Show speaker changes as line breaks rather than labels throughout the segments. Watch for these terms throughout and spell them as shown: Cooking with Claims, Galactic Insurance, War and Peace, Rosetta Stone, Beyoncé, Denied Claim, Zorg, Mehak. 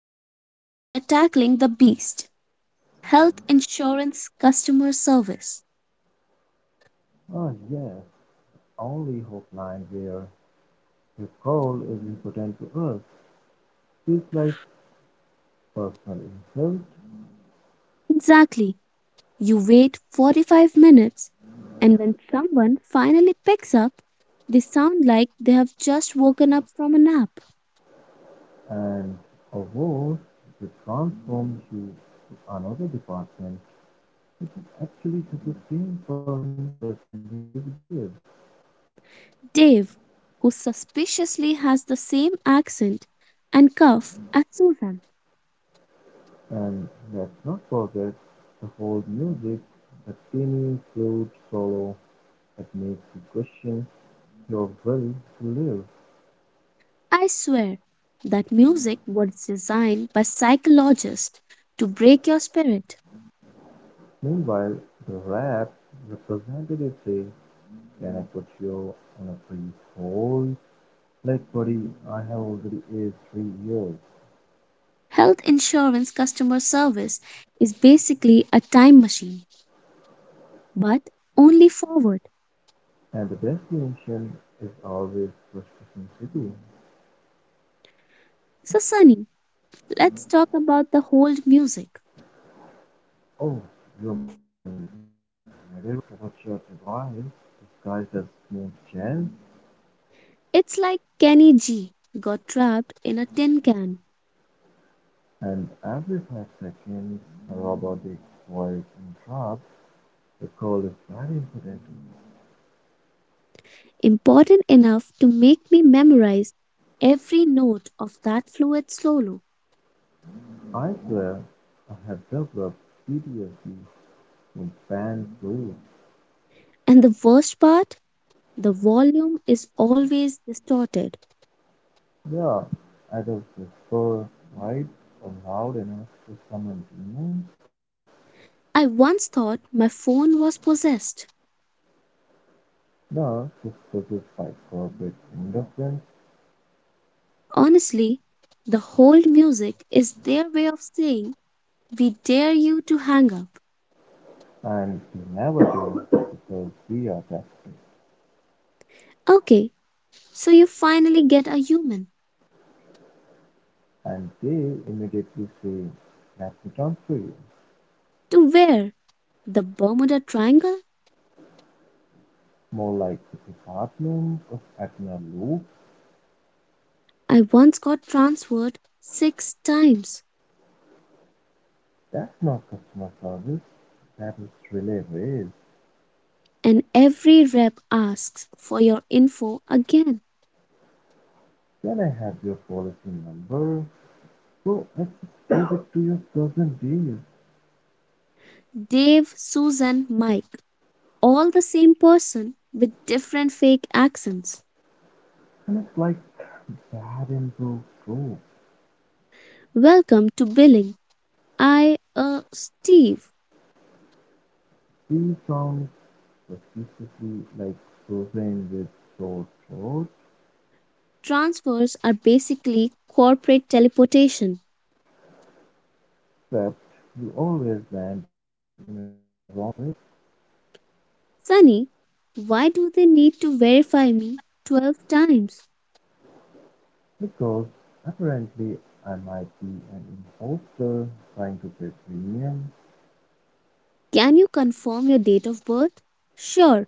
Today, we are tackling the beast health insurance customer service.
Oh yes, only hotline where your call is important to us. Feels like personal insult
Exactly. You wait 45 minutes, and when someone finally picks up, they sound like they have just woken up from a nap.
and a vote to transform you to another department. It is actually just the same person pretending to be Dave.
Dave, who suspiciously has the same accent and cough as Susan.
And let's not forget the whole music, the tiny flute solo that makes you question your will to live.
I swear that music was designed by psychologists to break your spirit.
Meanwhile, the rap representative says, can I put you on a brief hold? Like, buddy, I have already aged 3 years,
Health insurance customer service is basically a time machine, but only forward.
and the destination is always Prescription City.
So, Sunny, let's talk about the hold music.
Oh, you mean a medieval torture device disguised as smooth jazz?
It's like Kenny G got trapped in a tin can,
And every 5 seconds, a robotic voice interrupts. The call is very important.
important enough to make me memorize every note of that fluid solo.
I swear, I have developed PTSD to fan rules.
And the worst part, the volume is always distorted.
Yeah, adults whisper quite loud enough to summon demons.
I once thought my phone was possessed.
The whispers is by corporate indifference,
Honestly, the hold music is their way of saying, we dare you to hang up.
and we never do because we are desperate.
Okay, so you finally get a human.
And they immediately say, let me transfer you.
To where? The Bermuda Triangle?
More like the department of Atina Loop.
I once got transferred six times,
That's not customer service, that is relay race.
and every rep asks for your info again.
Can I have your policy number? So let's give it to your cousin, dear.
Dave, Susan, Mike, all the same person with different fake accents.
And it's like bad improv trope.
Welcome to billing. I, Steve.
These songs repeatedly like frozen with so throat,
Transfers are basically corporate teleportation.
except you always land in the wrong place.
Sunny, why do they need to verify me 12 times?
Because apparently I might be an imposter trying to pay premium
Can you confirm your date of birth? Sure,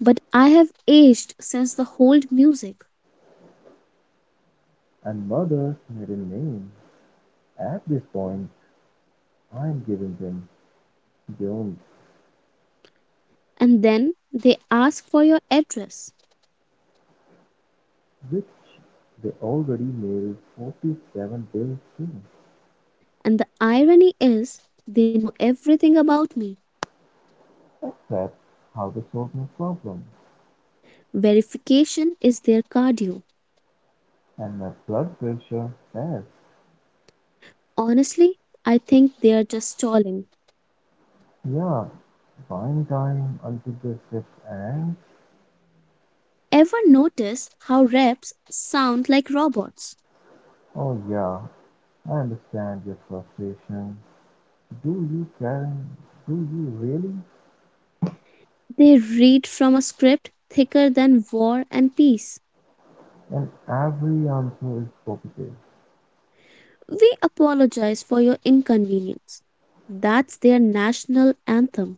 but I have aged since the hold music.
and murder maiden name. At this point, I'm giving them Jones,
And then they ask for your address.
which they already mailed 47 bills to.
And the irony is, they know everything about me.
That's how they solve my problem.
Verification is their cardio.
And my blood pressure fast.
Honestly, I think they are just stalling.
Yeah, wine time until the shift ends.
Ever notice how reps sound like robots?
Oh yeah, I understand your frustration. Do you, Karen? Do you really?
They read from a script thicker than War and Peace.
And every answer is positive.
We apologize for your inconvenience. That's their national anthem.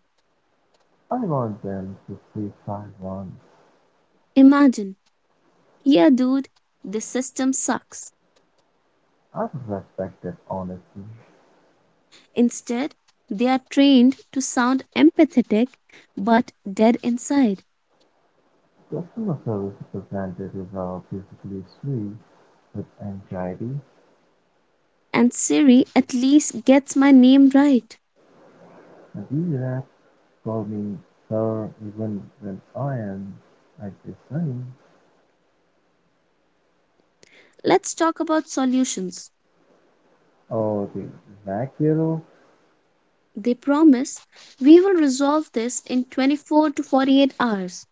I want them to freestyle one.
Imagine, yeah, dude, the system sucks.
I would respect that honesty.
Instead, they are trained to sound empathetic but dead inside.
Customer service representatives are physically sweet with anxiety
And Siri at least gets my name right.
and irrational, forming her even when I am at the Sun
Let's talk about solutions.
or the inaugural
They promise we will resolve this in 24 to 48 hours.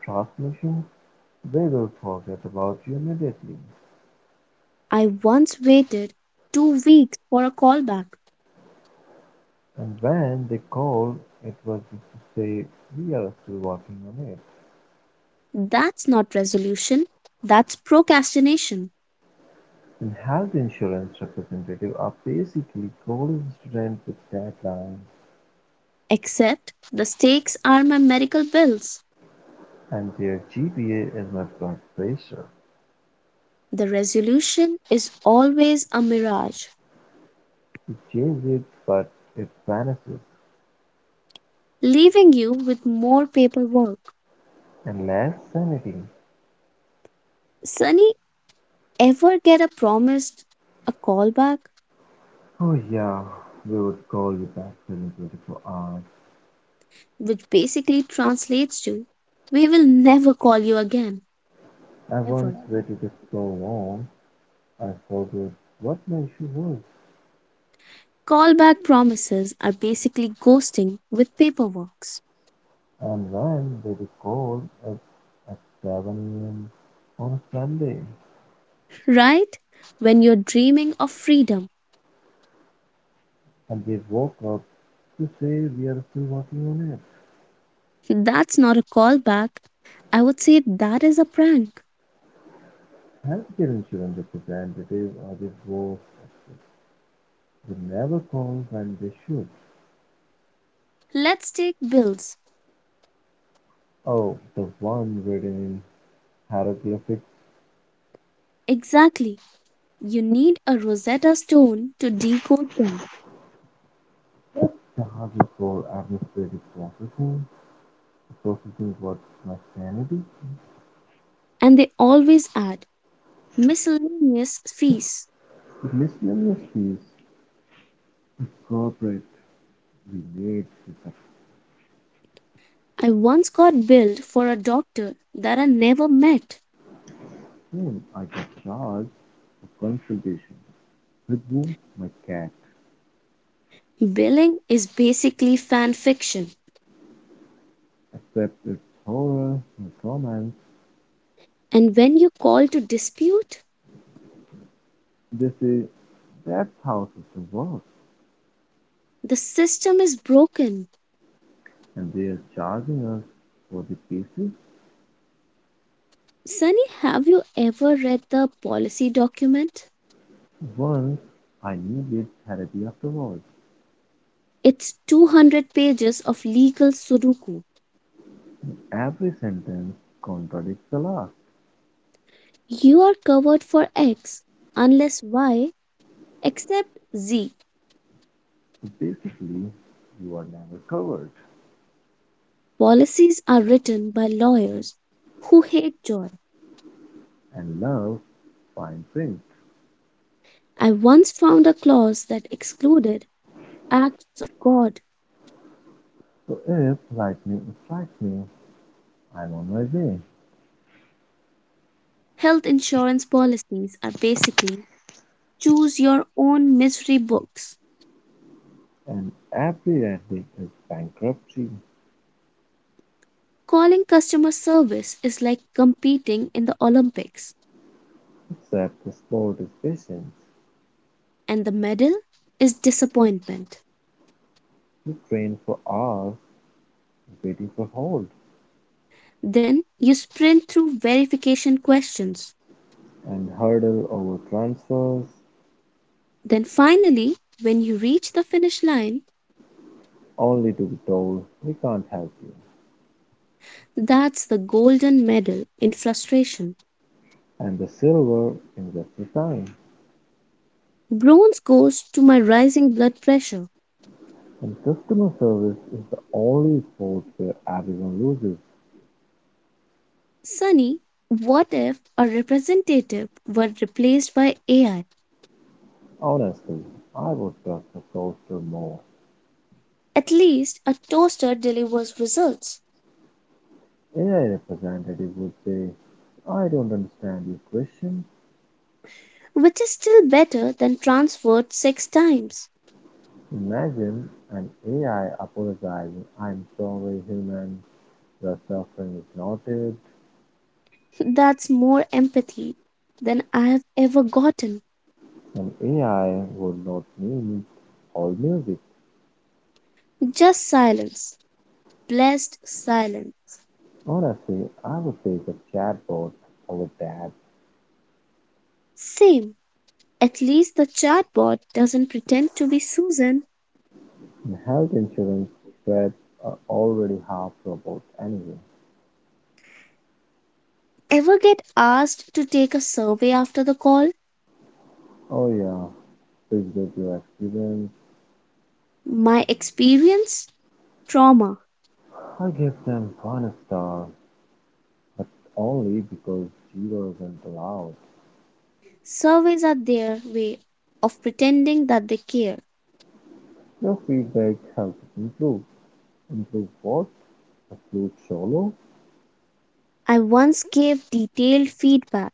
transmission, they will forget about you immediately.
I once waited 2 weeks for a callback.
And when they call, it was just to say, we are still working on it.
That's not resolution, that's procrastination.
And health insurance representative are basically college students with deadlines,
Except the stakes are my medical bills.
and their GPA is not blood pressure.
The resolution is always a mirage,
You change it, but it vanishes.
leaving you with more paperwork.
Unless sanity.
Sunny, ever get a promised a callback,
Oh yeah, we would call you back every 24 hours.
which basically translates to we will never call you again,
I
ever.
once waited so long, I forgot what my issue was.
Callback promises are basically ghosting with paperwork.
And when they called us at 7 a.m. on a Sunday,
Right? When you're dreaming of freedom,
and they woke up to say we are still working on it.
that's not a callback. I would say that is a prank.
Healthcare insurance representative or the who never call when they should.
Let's take bills.
Oh, the one written in hieroglyphics
Exactly. You need a Rosetta Stone to decode them,
that charges for administrative processing. Processing was my sanity.
and they always add miscellaneous fees.
The miscellaneous fees, corporate, we made this up
I once got billed for a doctor that I never met.
soon. I got charged for consultation. With whom? My cat.
Billing is basically fan fiction,
Except its horror, my torment.
and when you call to dispute,
They say that's how system works,
the system is broken.
and they are charging us for the pieces.
Sunny, have you ever read the policy document?
Once I knew this therapy afterwards.
It's 200 pages of legal sudoku.
Every sentence contradicts the last.
You are covered for X unless Y, except Z.
So basically, you are never covered.
Policies are written by lawyers who hate joy.
And love fine print.
I once found a clause that excluded acts of God.
So if lightning strikes me, I'm on my way.
Health insurance policies are basically choose your own misery books.
And every attic is bankruptcy,
Calling customer service is like competing in the Olympics,
except the sport is patience.
and the medal is disappointment.
You train for hours, waiting for hold,
Then you sprint through verification questions.
and hurdle over transfers,
Then finally, when you reach the finish line,
only to be told we can't help you.
that's the golden medal in frustration.
And the silver invests the time.
Bronze goes to my rising blood pressure.
And customer service is the only sport where everyone loses.
Sunny, what if a representative were replaced by AI?
Honestly, I would trust a toaster more.
At least a toaster delivers results,
AI representative would say, I don't understand your question.
which is still better than transferred six times.
Imagine an AI apologizing, I'm sorry, human, your suffering is noted.
That's more empathy than I have ever gotten.
An AI would not need all music.
Just silence, blessed silence.
Honestly, I would take a chatbot over that.
Same. At least the chatbot doesn't pretend to be Susan.
And health insurance threads are already half robots anyway.
Ever get asked to take a survey after the call?
Oh yeah, please rate your experience.
My experience? Trauma.
I give them one star, but only because zero isn't allowed.
Surveys are their way of pretending that they care.
Your feedback helps improve. Improve what? Upload solo?
I once gave detailed feedback.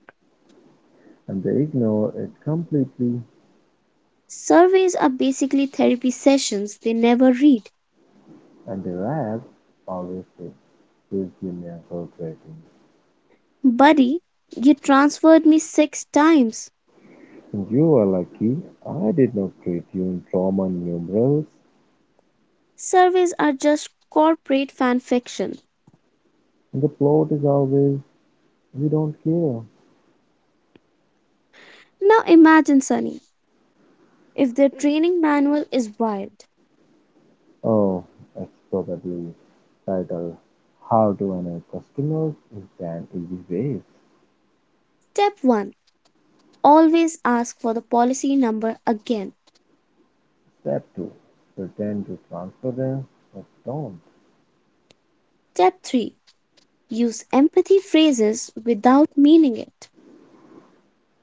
And they ignore it completely
Surveys are basically therapy sessions they never read.
and their app always says, please give me a good rating.
Buddy, you transferred me six times.
And you are lucky I did not treat you in trauma numerals.
Surveys are just corporate fan fiction.
And the plot is always, we don't care.
Now imagine, Sunny, if their training manual is wild.
Oh, it's probably titled, how to annoy customers in 10 easy ways.
Step 1: always ask for the policy number again.
Step two: pretend to transfer them, but don't.
Step 3: use empathy phrases without meaning it.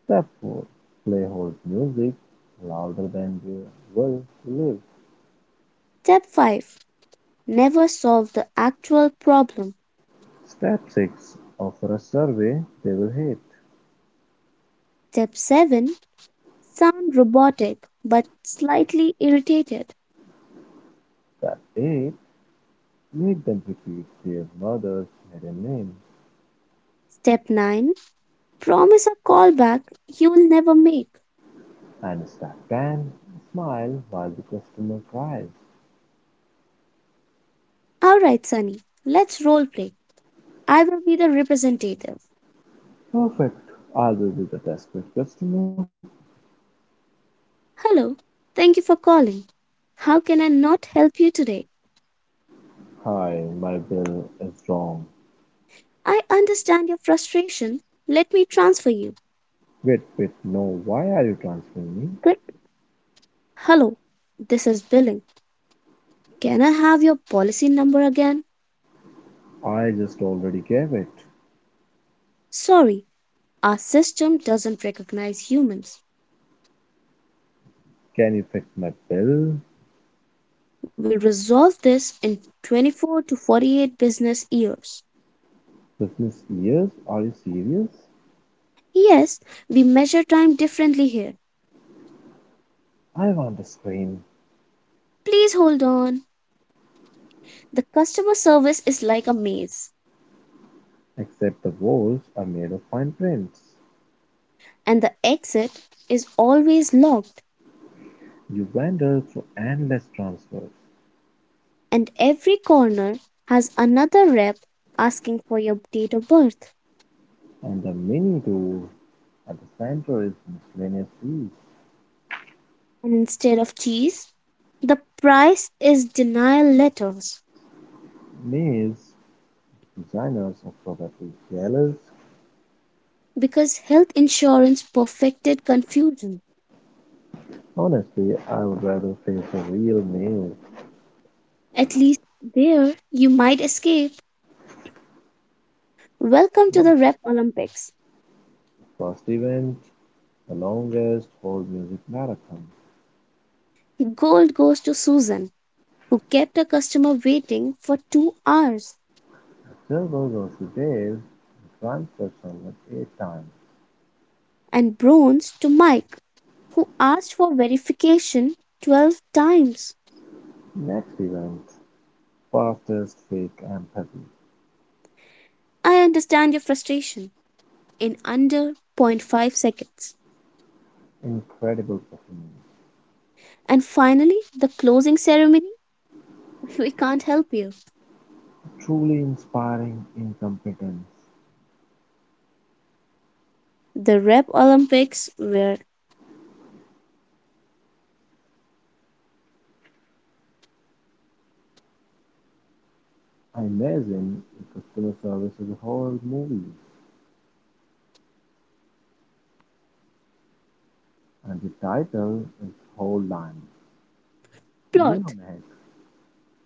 Step four: play hold music louder than they will live.
Step 5: never solve the actual problem.
Step six: offer a survey they will hate.
Step 7: sound robotic but slightly irritated.
Step eight: make them repeat their mother's maiden name.
Step 9: promise a callback you'll never make.
And step ten: smile while the customer cries.
Alright, Sunny, let's role play. I will be the representative.
Perfect. I will be the desperate customer.
Hello, thank you for calling. How can I not help you today?
Hi, my bill is wrong.
I understand your frustration. Let me transfer you.
Wait, wait, no. Why are you transferring me?
Click. Hello, this is billing. Can I have your policy number again?
I just already gave it.
Sorry, our system doesn't recognize humans.
Can you fix my bill?
We'll resolve this in 24 to 48 business years.
Business ears? Are you serious?
Yes, we measure time differently here.
I want to scream.
Please hold on. The customer service is like a maze,
Except the walls are made of fine prints.
and the exit is always locked,
You wander through endless transfers.
and every corner has another rep asking for your date of birth.
And the mini tour at the center is miscellaneous fees.
And instead of cheese, the price is denial letters
Maze designers are probably jealous.
because health insurance perfected confusion.
Honestly, I would rather face a real maze.
At least there you might escape. Welcome to
What?
the Rep Olympics.
First event, the longest whole music marathon.
Gold goes to Susan, who kept a customer waiting for 2 hours,
Gerber was detailed in transversal at eight times.
and bronze to Mike, who asked for verification 12 times.
Next event, fastest fake empathy.
I understand your frustration in under 0.5 seconds.
Incredible performance.
And finally, the closing ceremony. We can't help you.
Truly inspiring incompetence.
The Rep Olympics were
Amazing the customer service is a whole movie and the title is whole line. You know
plot.
Meg.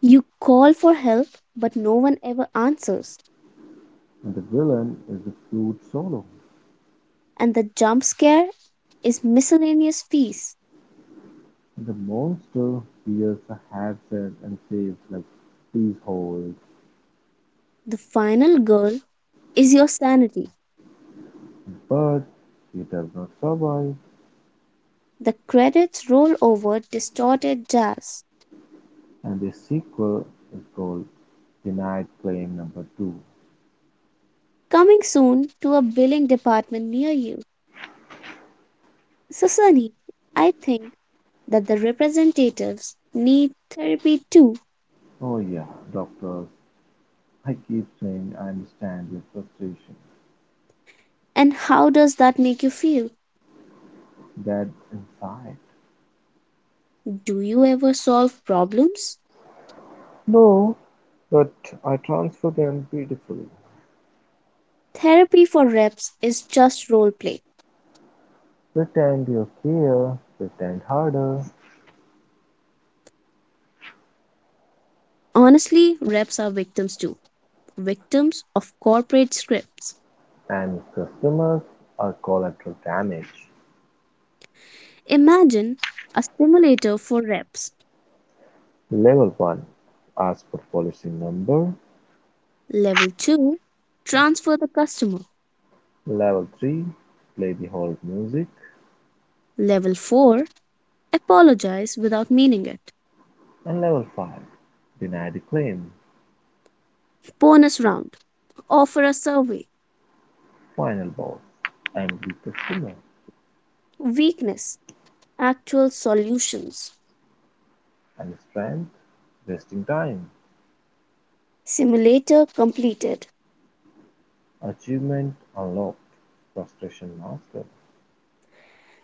You call for help, but no one ever answers.
And the villain is the flute solo.
And the jump scare is miscellaneous fees.
And the monster wears a headset and says like please hold.
The final goal is your sanity.
But he does not survive.
The credits roll over distorted jazz,
And the sequel is called Denied Claim Number Two.
coming soon to a billing department near you. So, Sunny, I think that the representatives need therapy too.
Oh yeah, doctors. I keep saying I understand your frustration.
And how does that make you feel?
That inside.
Do you ever solve problems?
No, but I transfer them beautifully.
Therapy for reps is just role play.
Pretend you care, pretend harder,
Honestly, reps are victims too, victims of corporate scripts.
and if customers are collateral damage.
Imagine a simulator for reps.
Level 1. Ask for policy number.
Level 2: transfer the customer.
Level 3, play the hold music.
Level 4: apologize without meaning it.
And level 5, deny the claim.
Bonus round: offer a survey.
Final boss, and with the stamina
Weakness, actual solutions.
and strength, wasting time.
Simulator completed.
Achievement unlocked. Frustration master.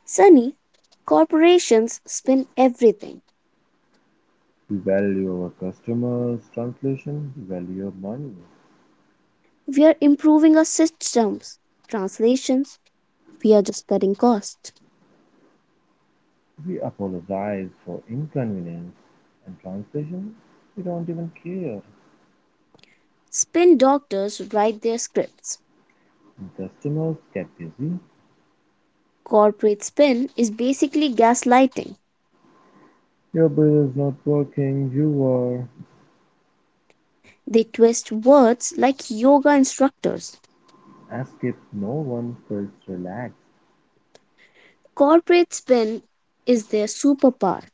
Sunny, corporations spin everything.
We value our customers' translation. We value money.
We are improving our systems, translations, we are just cutting costs.
We apologize for inconvenience. And translation, we don't even care.
Spin doctors write their scripts.
And customers get busy.
Corporate spin is basically gaslighting.
Your bill is not working. You are
They twist words like yoga instructors.
escaped. No one feels relaxed.
Corporate spin is their superpower.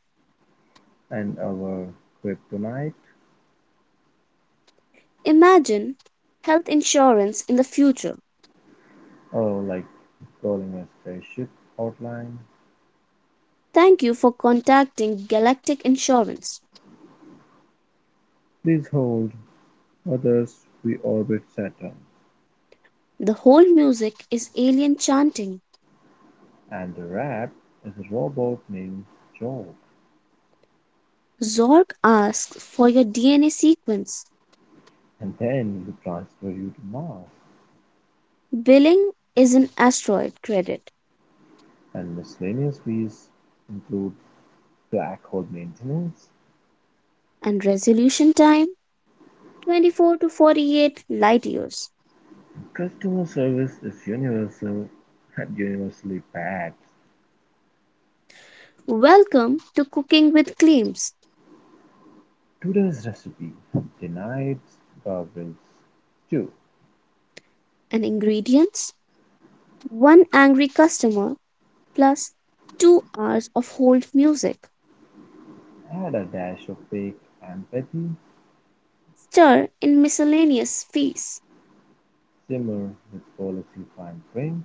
And our kryptonite
Imagine health insurance in the future.
or like calling a spaceship outline.
Thank you for contacting Galactic Insurance.
Please hold. Others we orbit Saturn.
The whole music is alien chanting.
And the rat is a robot named Jock.
Zorg asks for your DNA sequence.
And then we transfer you to Mars.
Billing is an asteroid credit
And miscellaneous fees include black hole maintenance.
and resolution time 24 to 48 light years.
Customer service is universal and universally bad.
Welcome to Cooking with Claims
Today's recipe denied garbage stew.
and Ingredients. One angry customer plus 2 hours of hold music.
Add a dash of fake empathy.
Stir in miscellaneous fees.
Simmer with policy fine print.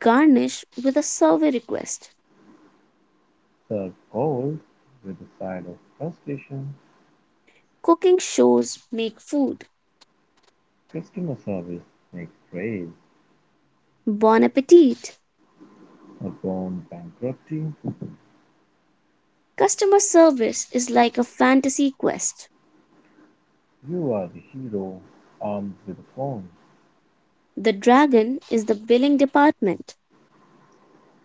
Garnish with a survey request.
Serve cold with a side of frustration.
Cooking shows make food.
Customer service makes trade
Bon appetit!
upon bankruptcy.
Customer service is like a fantasy quest.
You are the hero armed with a phone.
The dragon is the billing department.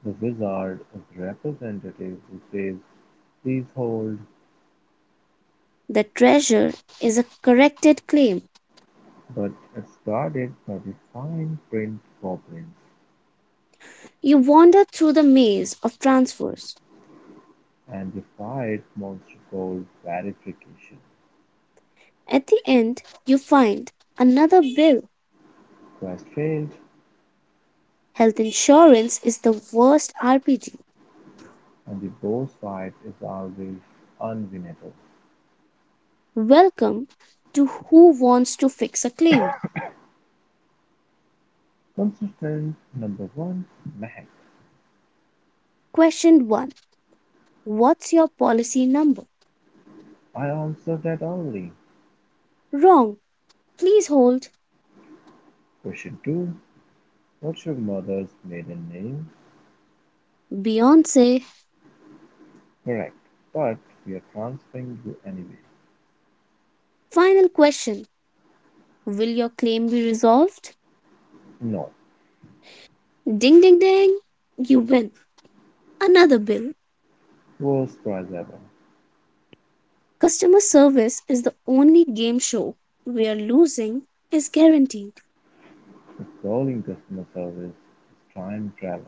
The wizard is the representative who says, please hold,
The treasure is a corrected claim.
but it's guarded by the fine print goblins
You wander through the maze of transfers.
and the fight monster called verification.
At the end, you find another bill.
Quest failed,
Health insurance is the worst RPG.
and the boss fight is always unwinnable.
Welcome to Who Wants to Fix a Claim.
Contestant number one, Mac.
Question 1: what's your policy number?
I answered that only.
Wrong. Please hold.
Question two, what's your mother's maiden name?
Beyonce,
Correct, but we're transferring you anyway.
final question. Will your claim be resolved?
No,
Ding ding ding. You win. Another bill.
worst prize ever.
Customer service is the only game show where losing is guaranteed.
If calling customer service is time travel,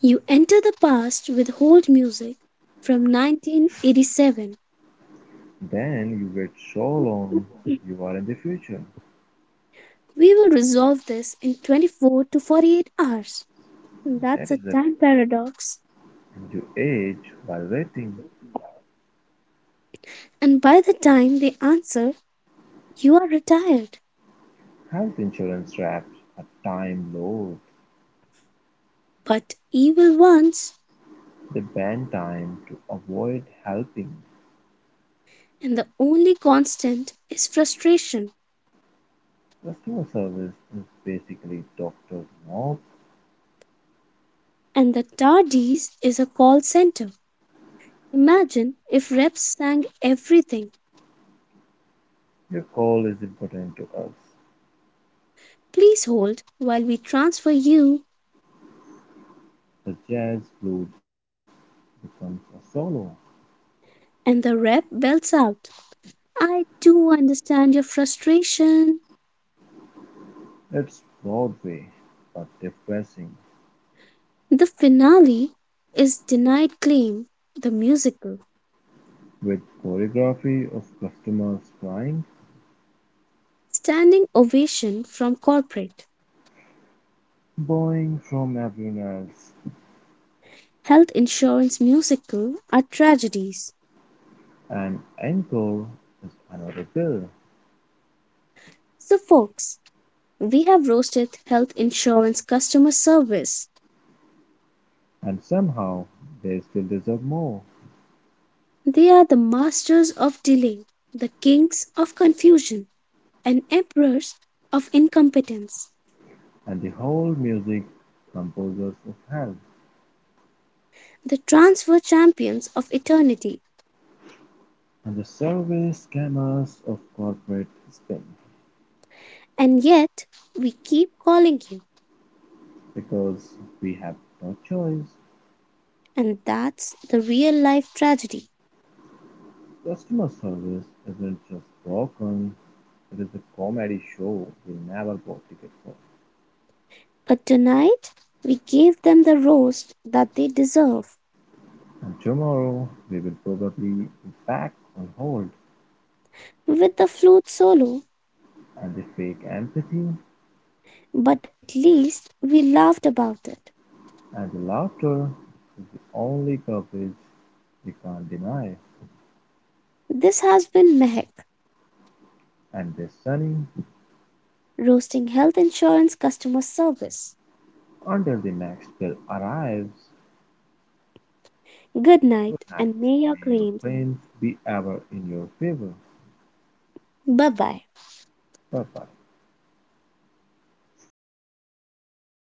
You enter the past with hold music from 1987.
then you wait so long you are in the future.
We will resolve this in 24 to 48 hours. That's
That
a
is it.
time paradox.
And you age while waiting.
And by the time they answer, you are retired.
Health insurance wraps are time lords.
But evil ones
They ban time to avoid helping.
and the only constant is frustration.
Customer service is basically doctor's notes.
And the tardies is a call center. Imagine if reps sang everything.
Your call is important to us.
Please hold while we transfer you,
The jazz blues becomes a solo.
and the rep belts out. I do understand your frustration.
It's Broadway, but depressing,
The finale is Denied Claim, the musical.
with choreography of customers crying,
Standing ovation from corporate.
bowing from everyone else.
Health insurance musical are tragedies.
An encore is another bill,
So, folks, we have roasted health insurance customer service.
and somehow they still deserve more.
They are the masters of delay, the kings of confusion, and emperors of incompetence,
And the whole music composers of hell,
the transfer champions of eternity.
and the survey scammers of corporate spin.
And yet, we keep calling you,
Because we have no choice.
and that's the real life tragedy.
Customer service isn't just broken; it is a comedy show we never bought ticket for.
But tonight, we gave them the roast that they deserve
And tomorrow we will probably be back on hold
with the flute solo,
and the fake empathy
but at least we laughed about it.
and the laughter is the only coverage we can't deny.
This has been Mehak.
And the sunny
Roasting Health Insurance Customer Service.
until the next bill arrives.
Good
Good
night
night.
and may your
May your
claims.
claims be ever in your favor.
Bye bye.
Bye bye.